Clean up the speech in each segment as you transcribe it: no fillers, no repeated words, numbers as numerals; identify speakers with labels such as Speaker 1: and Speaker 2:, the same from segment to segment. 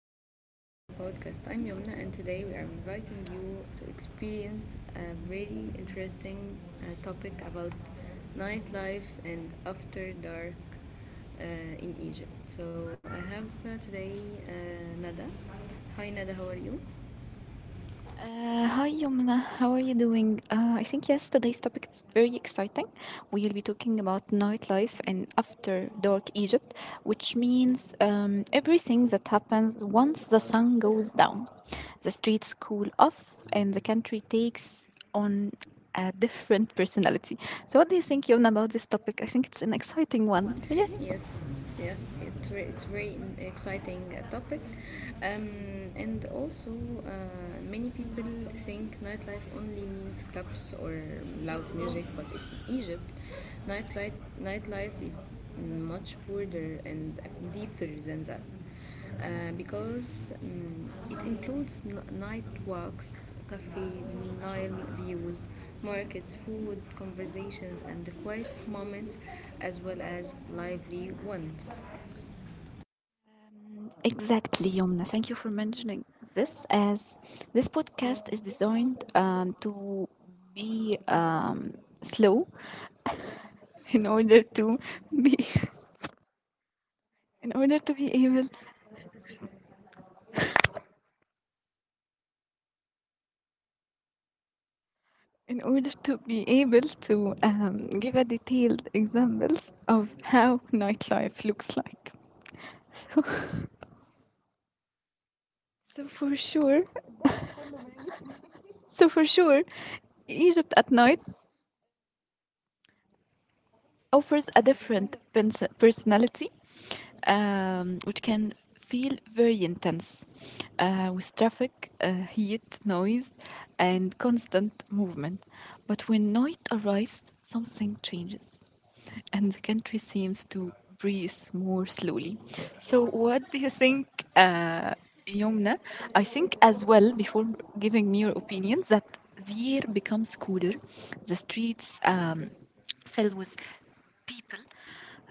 Speaker 1: and welcome to our podcast. I'm Yomna, and today we are inviting you to experience a very interesting topic about nightlife and after dark uh, in Egypt. So, I have today Nada. Hi, Nada, how are you?
Speaker 2: Hi Yomna, how are you doing? I think yes, today's topic is very exciting. We'll be talking about nightlife in after dark Egypt, which means everything that happens once the sun goes down. The streets cool off and the country takes on a different personality. So, what do you think, Yomna, about this topic? I think it's an exciting one. Yes.
Speaker 1: Yes, yes, it's exciting topic, um, and also many people think nightlife only means clubs or loud music, but in Egypt, nightlife nightlife is much broader and deeper than that because it includes night walks, cafe, Nile views, markets, food, conversations, and the quiet moments, as well as lively ones.
Speaker 2: Exactly, Yomna. Thank you for mentioning this, as this podcast is designed to be slow in order to be in order to be able in order to be able to give a detailed examples of how nightlife looks like. So, so for sure, so for sure, Egypt at night offers a different personality, which can feel very intense, with traffic, heat, noise, and constant movement. But when night arrives, something changes and the country seems to breathe more slowly. So, what do you think, uh, Yomna? I think as well, before giving me your opinion, that the air becomes cooler, the streets filled with people,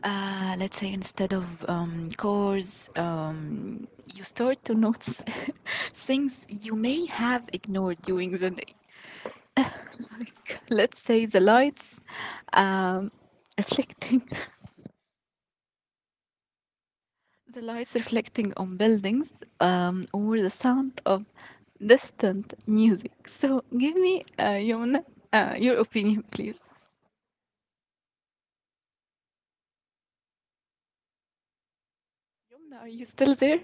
Speaker 2: let's say instead of cores. You start to notice things you may have ignored during the day, like let's say the lights um, reflecting, the lights reflecting on buildings, or the sound of distant music. So give me, Yomna, your opinion, please. Yomna, are you still there?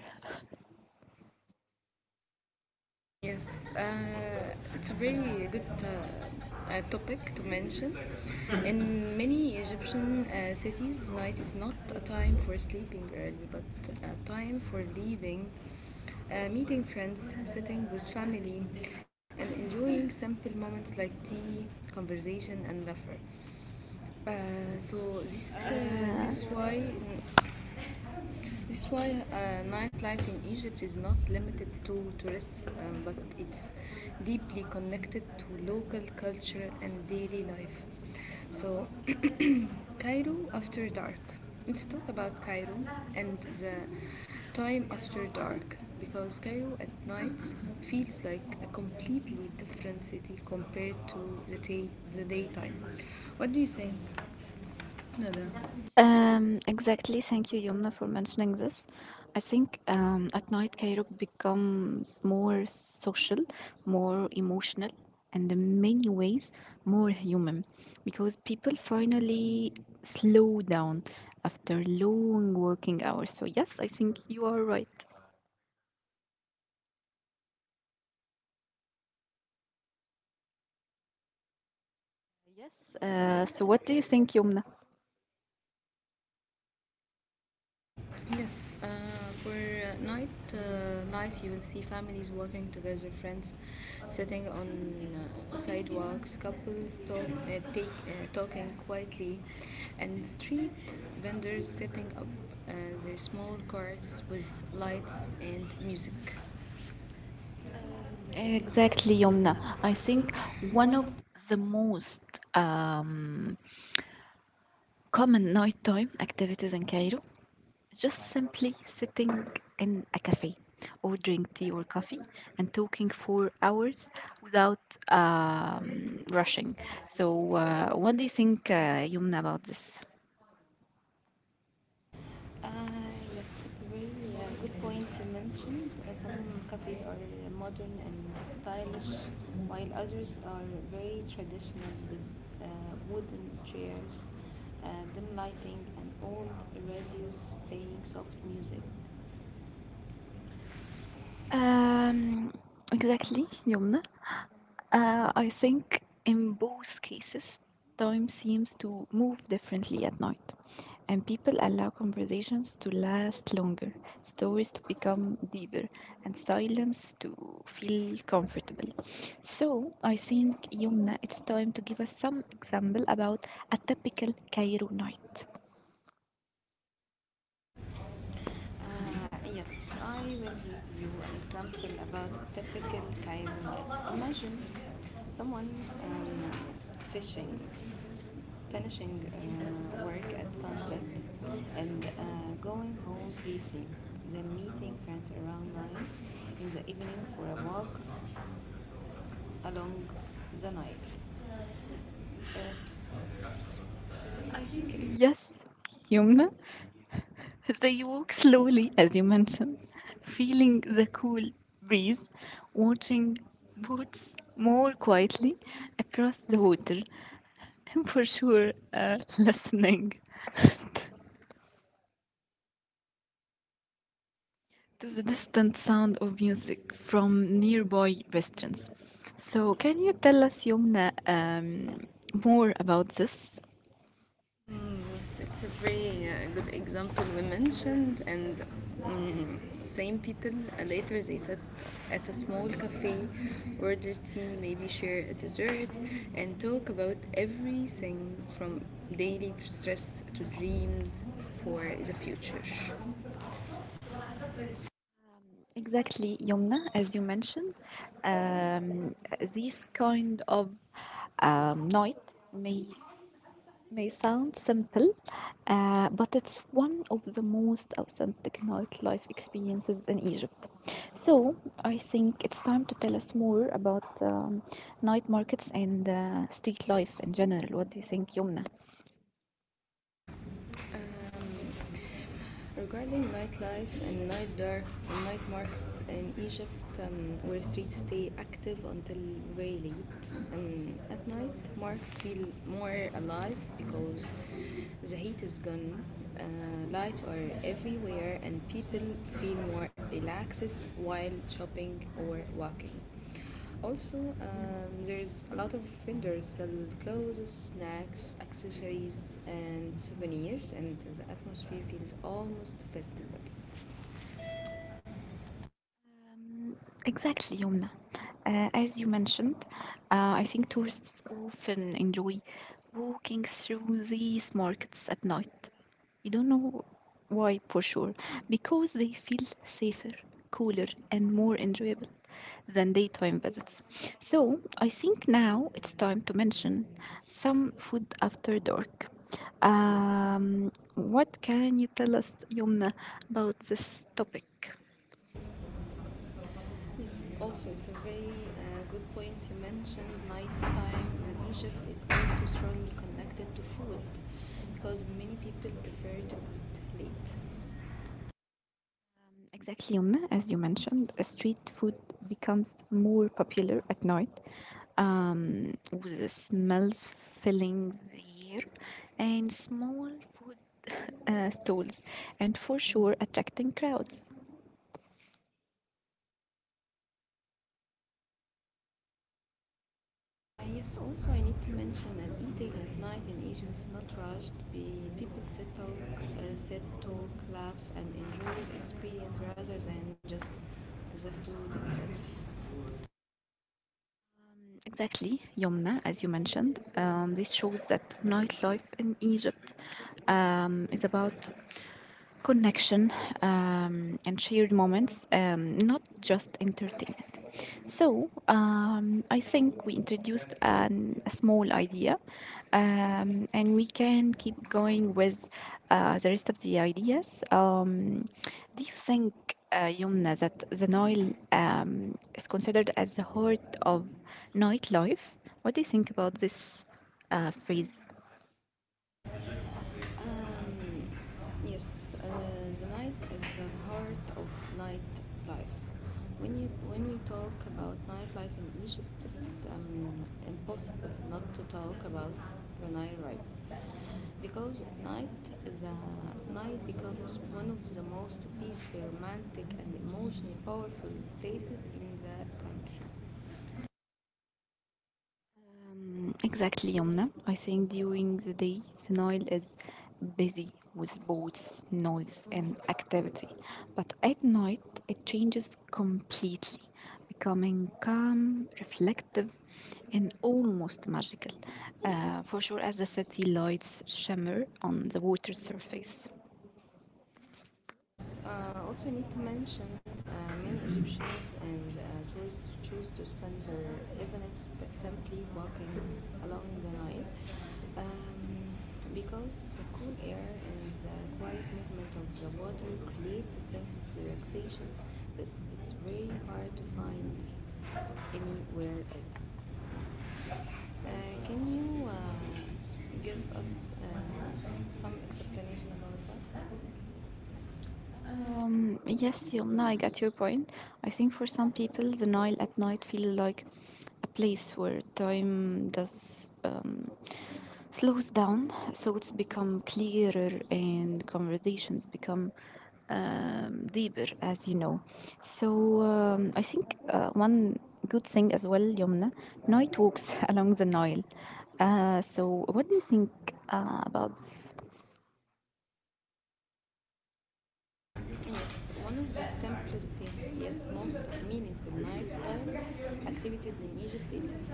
Speaker 1: Yes, it's a very good topic to mention. In many Egyptian cities, night is not a time for sleeping early, but a time for leaving, meeting friends, sitting with family, and enjoying simple moments like tea, conversation, and laughter. So this this is why this is why nightlife in Egypt is not limited to tourists, but it's deeply connected to local culture and daily life. So Cairo After Dark. Let's talk about Cairo and the time after dark because Cairo at night feels like a completely different city compared to the daytime. What do you think, Nada?
Speaker 2: Exactly. Thank you, Yomna, for mentioning this. I think at night Cairo becomes more social, more emotional, and in many ways more human, because people finally slow down after long working hours. So, yes, I think you are right. Yes. So, what do you think, Yomna?
Speaker 1: Yes, for night life, you will see families working together, friends sitting on sidewalks, couples talking quietly, and street vendors setting up uh, their small carts with lights and music.
Speaker 2: Exactly, Yomna. I think one of the most um, common nighttime activities in Cairo, just simply sitting in a cafe, ordering tea or coffee, and talking for hours without rushing. So, what do you think, Yumna, about this?
Speaker 1: Uh, yes, it's a very good point to mention. Some cafes are modern and stylish, while others are very traditional with wooden chairs, uh, dim lighting, and old radios playing soft music. Uh,
Speaker 2: Um, exactly, Yumna. I think in both cases, time seems to move differently at night, and people allow conversations to last longer, stories to become deeper, and silence to feel comfortable. So I think, Yumna, it's time to give us some example about a typical Cairo night.
Speaker 1: yes, I will give you an example about a typical Cairo night. Imagine someone um, fishing finishing work at sunset and going home briefly, then meeting friends around 9 in the evening for a walk along the Nile. Uh,
Speaker 2: I think yes, Yumna. They walk slowly, as you mentioned, feeling the cool breeze, watching boats more quietly across the water, and for sure, listening to the distant sound of music from nearby restaurants. So, can you tell us, Yumna, more about this?
Speaker 1: Yes, it's a very good example we mentioned, and same people later they sat at a small cafe, order tea, maybe share a dessert, and talk about everything from daily stress to dreams for the future.
Speaker 2: Exactly, Yumna, as you mentioned, um, this kind of night may may sound simple, but it's one of the most authentic nightlife experiences in Egypt. So I think it's time to tell us more about night markets and street life in general. What do you think, Yumna?
Speaker 1: Regarding nightlife and night dark, night markets in Egypt, where streets stay active until very late, and at night markets feel more alive because the heat is gone, uh, lights are everywhere, and people feel more relaxed while shopping or walking. Also, there's a lot of vendors sell clothes, snacks, accessories, and souvenirs, and the atmosphere feels almost festival.
Speaker 2: Um, exactly, Yumna. As you mentioned, I think tourists often enjoy walking through these markets at night. You don't know why for sure. Because they feel safer, cooler, and more enjoyable than daytime visits. So I think now it's time to mention some food after dark. What can you tell us, Yumna, about this topic?
Speaker 1: Yes, also it's a very good point you mentioned. Nighttime in Egypt is also strongly connected to food because many people prefer to eat late.
Speaker 2: Exactly, Yumna. As you mentioned, street food becomes more popular at night. With the smells filling the air and small food stalls, and for sure attracting crowds.
Speaker 1: Yes, also I need to mention that eating at night in Egypt is not rushed. People sit, talk, laugh, and enjoy the experience rather than just the food itself.
Speaker 2: Exactly, Yomna, as you mentioned. This shows that nightlife in Egypt is about connection and shared moments, not just entertainment. So I think we introduced an, a small idea, and we can keep going with the rest of the ideas. Do you think, Yumna, that the Nile is considered as the heart of nightlife? What do you think about this phrase?
Speaker 1: Um, yes, the night is the heart of nightlife. When we talk about nightlife in Egypt, it's impossible not to talk about the night life because at night the night becomes one of the most peaceful, romantic, and emotionally powerful places in the country.
Speaker 2: Exactly, Yomna. I think during the day, the Nile is busy with boats, noise, and activity. But at night, it changes completely, becoming calm, reflective, and almost magical. For sure, as the city lights shimmer on the water surface.
Speaker 1: Yes, also I need to mention many Egyptians and tourists choose to spend their evenings simply walking along the Nile um, because the cool air and the quiet movement of the water create a sense of relaxation that it's very hard to find anywhere else. Can you give us some explanation about that? Uh,
Speaker 2: Yes, Yomna. I got your point. I think for some people, the Nile at night feels like a place where time does slows down, thoughts become clearer, and conversations become deeper, as you know. So I think one good thing as well, Yomna, night walks along the Nile. So what do you think about this?
Speaker 1: Yes, one of the simplest yet most meaningful nighttime activities in Egypt is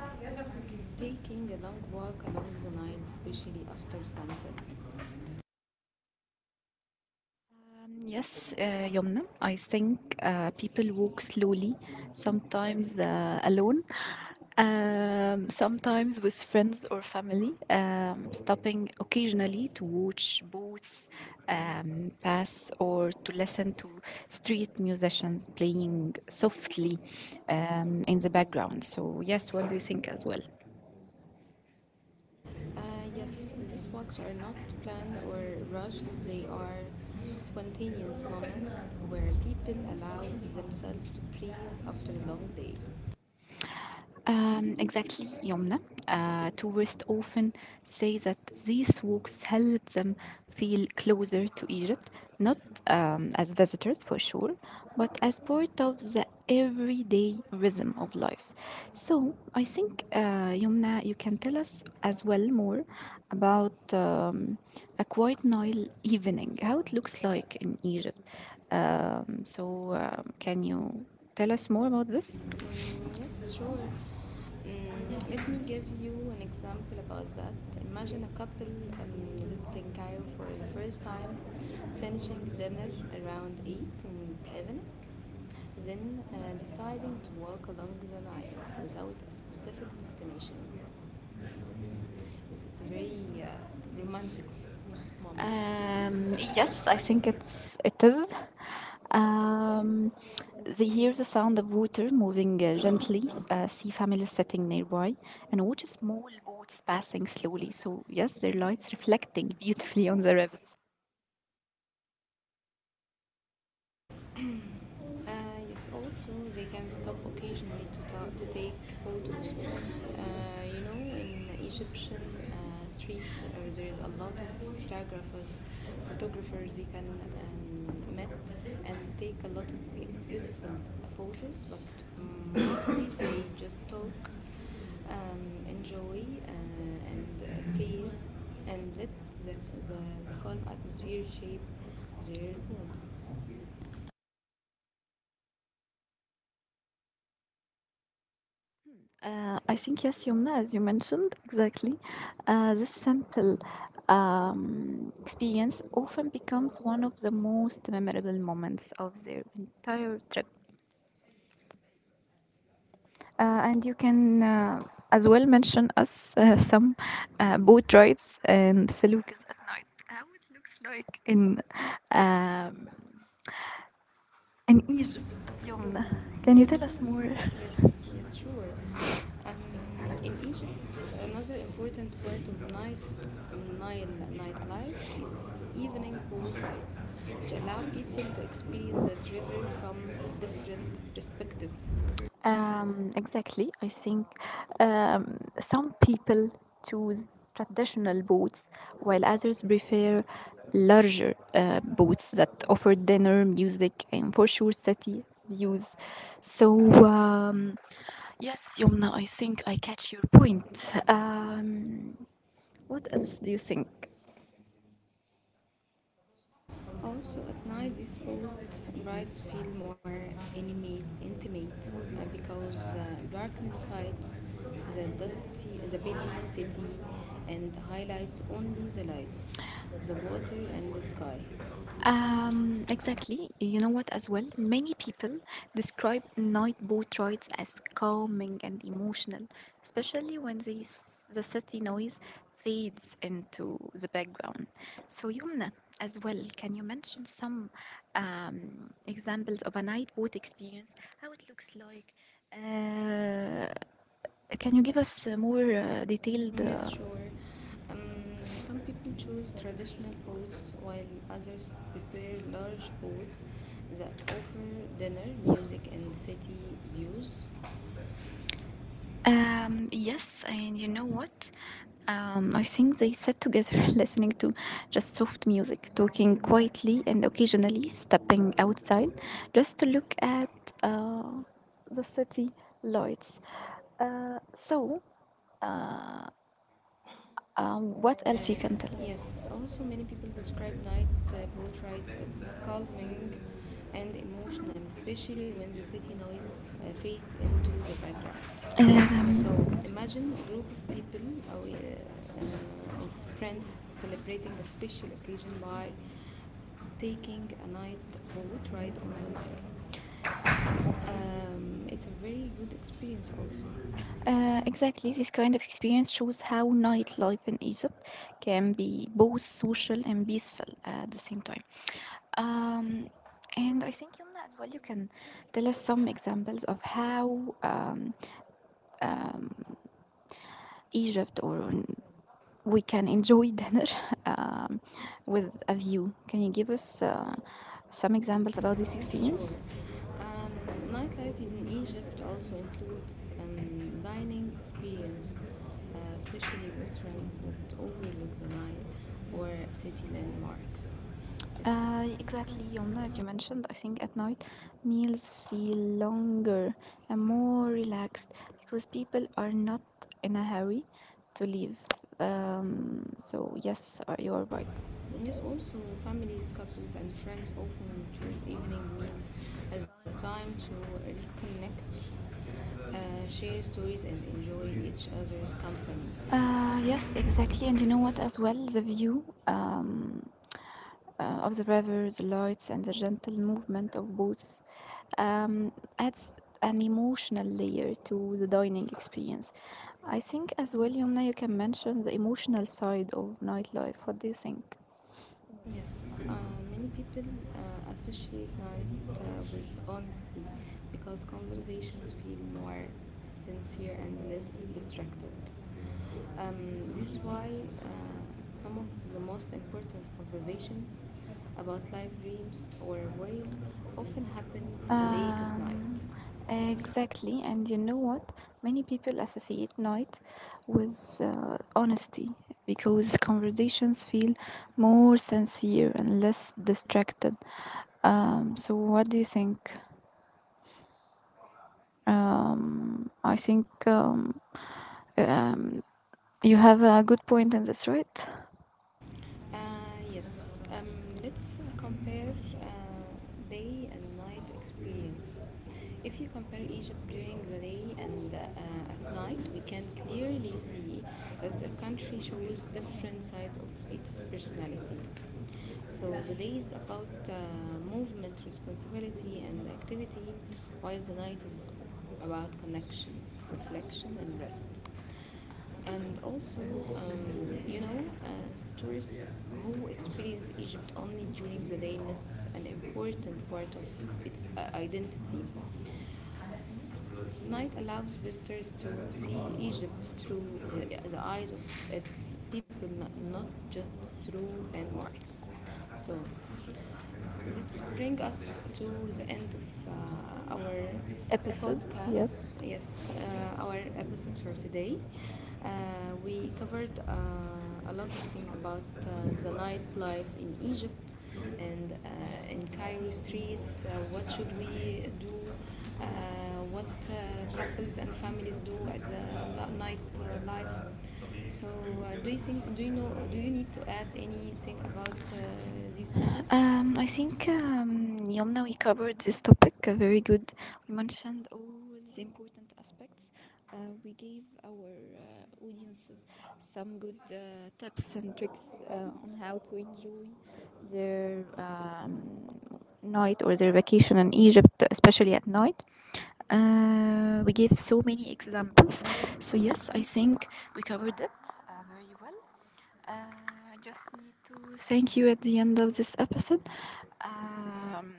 Speaker 1: taking a long walk along the Nile, especially after sunset.
Speaker 2: Yes, Yomna, I think people walk slowly, sometimes alone, sometimes with friends or family, stopping occasionally to watch boats pass or to listen to street musicians playing softly in the background. So, yes, what do you think as well?
Speaker 1: Uh, yes, these walks are not planned or rushed, they are spontaneous moments where people allow themselves to breathe after a long day.
Speaker 2: Exactly, Yomna. Tourists often say that these walks help them feel closer to Egypt, not as visitors for sure, but as part of the everyday rhythm of life. So I think, Yomna, you can tell us as well more about a quiet Nile evening, how it looks like in Egypt. So can you tell us more about this?
Speaker 1: Yes, sure. Let me give you an example about that. Imagine a couple um, visiting Cairo for the first time, finishing dinner around 8 in the evening, then deciding to walk along the Nile without a specific destination. So it's a very romantic moment. Yes,
Speaker 2: Yes, I
Speaker 1: I
Speaker 2: think
Speaker 1: think
Speaker 2: it's it is. Um, they hear the sound of water moving gently, see families sitting nearby, and watch small boats passing slowly. So yes, their lights reflecting beautifully on the river.
Speaker 1: Yes, also they can stop occasionally to take photos. You know, in Egyptian streets, there is a lot of photographers. Photographers they can meet and take a lot of beautiful photos, but mostly they just talk, enjoy, and please, and let the, the, the calm atmosphere shape their moods.
Speaker 2: I think yes, Yumna, as you mentioned, exactly. This simple experience often becomes one of the most memorable moments of their entire trip. Uh, and you can as well mention us some boat rides and felucas at night. How it looks like um, in Egypt, Yomna. Can you
Speaker 1: Yes,
Speaker 2: tell us more?
Speaker 1: yes, yes, sure. Um, in Egypt, another important part of night Nile nightlife is evening boat rides, which allow people to experience that river from different perspective.
Speaker 2: Exactly. I think some people choose traditional boats, while others prefer larger boats that offer dinner, music, and for sure city views. So um, yes, Yumna, I think I catch your point. What else do you think?
Speaker 1: Also, at night, these boat rides feel more intimate because darkness hides the dusty, the busy city, and highlights only the lights, the water, and the sky.
Speaker 2: Exactly. You know what, as well? Many people describe night boat rides as calming and emotional, especially when the city noise fades into the background. So, Yumna, as well, can you mention some examples of a night boat experience? How it looks like? Uh, Can you give us more detailed?
Speaker 1: Yes, sure. Um, some people choose traditional boats while others prefer large boats that offer dinner, music, and city views. Uh,
Speaker 2: Yes, and you know what? I think they sat together listening to just soft music, talking quietly and occasionally stepping outside just to look at uh, the city lights. So, uh, what else you can tell us?
Speaker 1: Yes, also many people describe night boat rides as calming and emotional, especially when the city noise fades into the background. So
Speaker 2: Um,
Speaker 1: imagine a group of people or of friends celebrating a special occasion by taking a night boat ride on the Nile. It's a very good experience also.
Speaker 2: Exactly, this kind of experience shows how nightlife in Egypt can be both social and peaceful at the same time. Um, and I think Yumna as well, you can tell us some examples of how um, Egypt or we can enjoy dinner um, with a view. Can you give us some examples about this
Speaker 1: Yes, sure.
Speaker 2: experience?
Speaker 1: Um, Nightlife in Egypt also includes dining experience, especially restaurants that overlook the Nile or city landmarks. Yes.
Speaker 2: Exactly, Yomna, as you mentioned, I think at night meals feel longer and more relaxed because people are not in a hurry to leave. So, yes, you are right.
Speaker 1: Yes, also families, couples, and friends often choose evening meals as a time to reconnect, share stories, and enjoy each other's company.
Speaker 2: Yes, exactly. And you know what, as well, the view. Of the river, the lights, and the gentle movement of boats um, adds an emotional layer to the dining experience. I think as well, Yumna, you can mention the emotional side of nightlife. What do you think?
Speaker 1: Yes, many people associate night with honesty because conversations feel more sincere and less distracted. Um, this is why uh, some of the most important conversations about life dreams or worries often happen late at night.
Speaker 2: Um, exactly. And you know what? Many people associate night with honesty because conversations feel more sincere and less distracted. So, what do you think? I think um, you have a good point in this, right?
Speaker 1: Uh, yes, let's compare day and night experience. If you compare Egypt during the day and at night, we can clearly see that the country shows different sides of its personality. So the day is about movement, responsibility, and activity, while the night is about connection, reflection, and rest. And also, you know, uh, tourists who experience egypt only during the day miss an important part of its identity. Night allows visitors to see egypt through the eyes of its people, not just through landmarks. So this brings us to the end of our
Speaker 2: Episode.
Speaker 1: podcast.
Speaker 2: Yes.
Speaker 1: Yes, our episode for today. uh, we covered a lot of things about the nightlife in Egypt and in Cairo streets. What should we do? Uh, what couples and families do at the night life? So, do you think? Do you know? Do you need to add anything about this, Nada?
Speaker 2: I
Speaker 1: I
Speaker 2: think
Speaker 1: think
Speaker 2: Yomna, we covered this topic very good. We mentioned all the important aspects. Uh, we gave our audiences some good tips and tricks on how to enjoy their night or their vacation in Egypt, especially at night. We gave so many examples. So, yes, I think we covered it very well. I just need to thank you at the end of this episode. Um,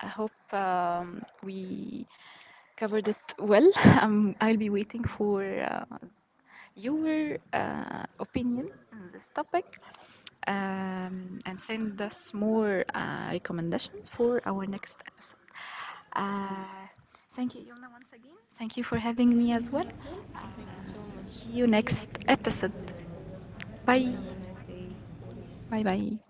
Speaker 2: I hope we covered it well. I'll be waiting for your opinion on this topic and send us more recommendations for our next episode. Uh, Thank you, Yumna, once again. Thank you for having me as well.
Speaker 1: Thank you so
Speaker 2: Uh,
Speaker 1: much.
Speaker 2: See you
Speaker 1: See you
Speaker 2: next
Speaker 1: next episode.
Speaker 2: episode.
Speaker 1: Bye.
Speaker 2: Bye.
Speaker 1: Have a nice day.
Speaker 2: Bye bye.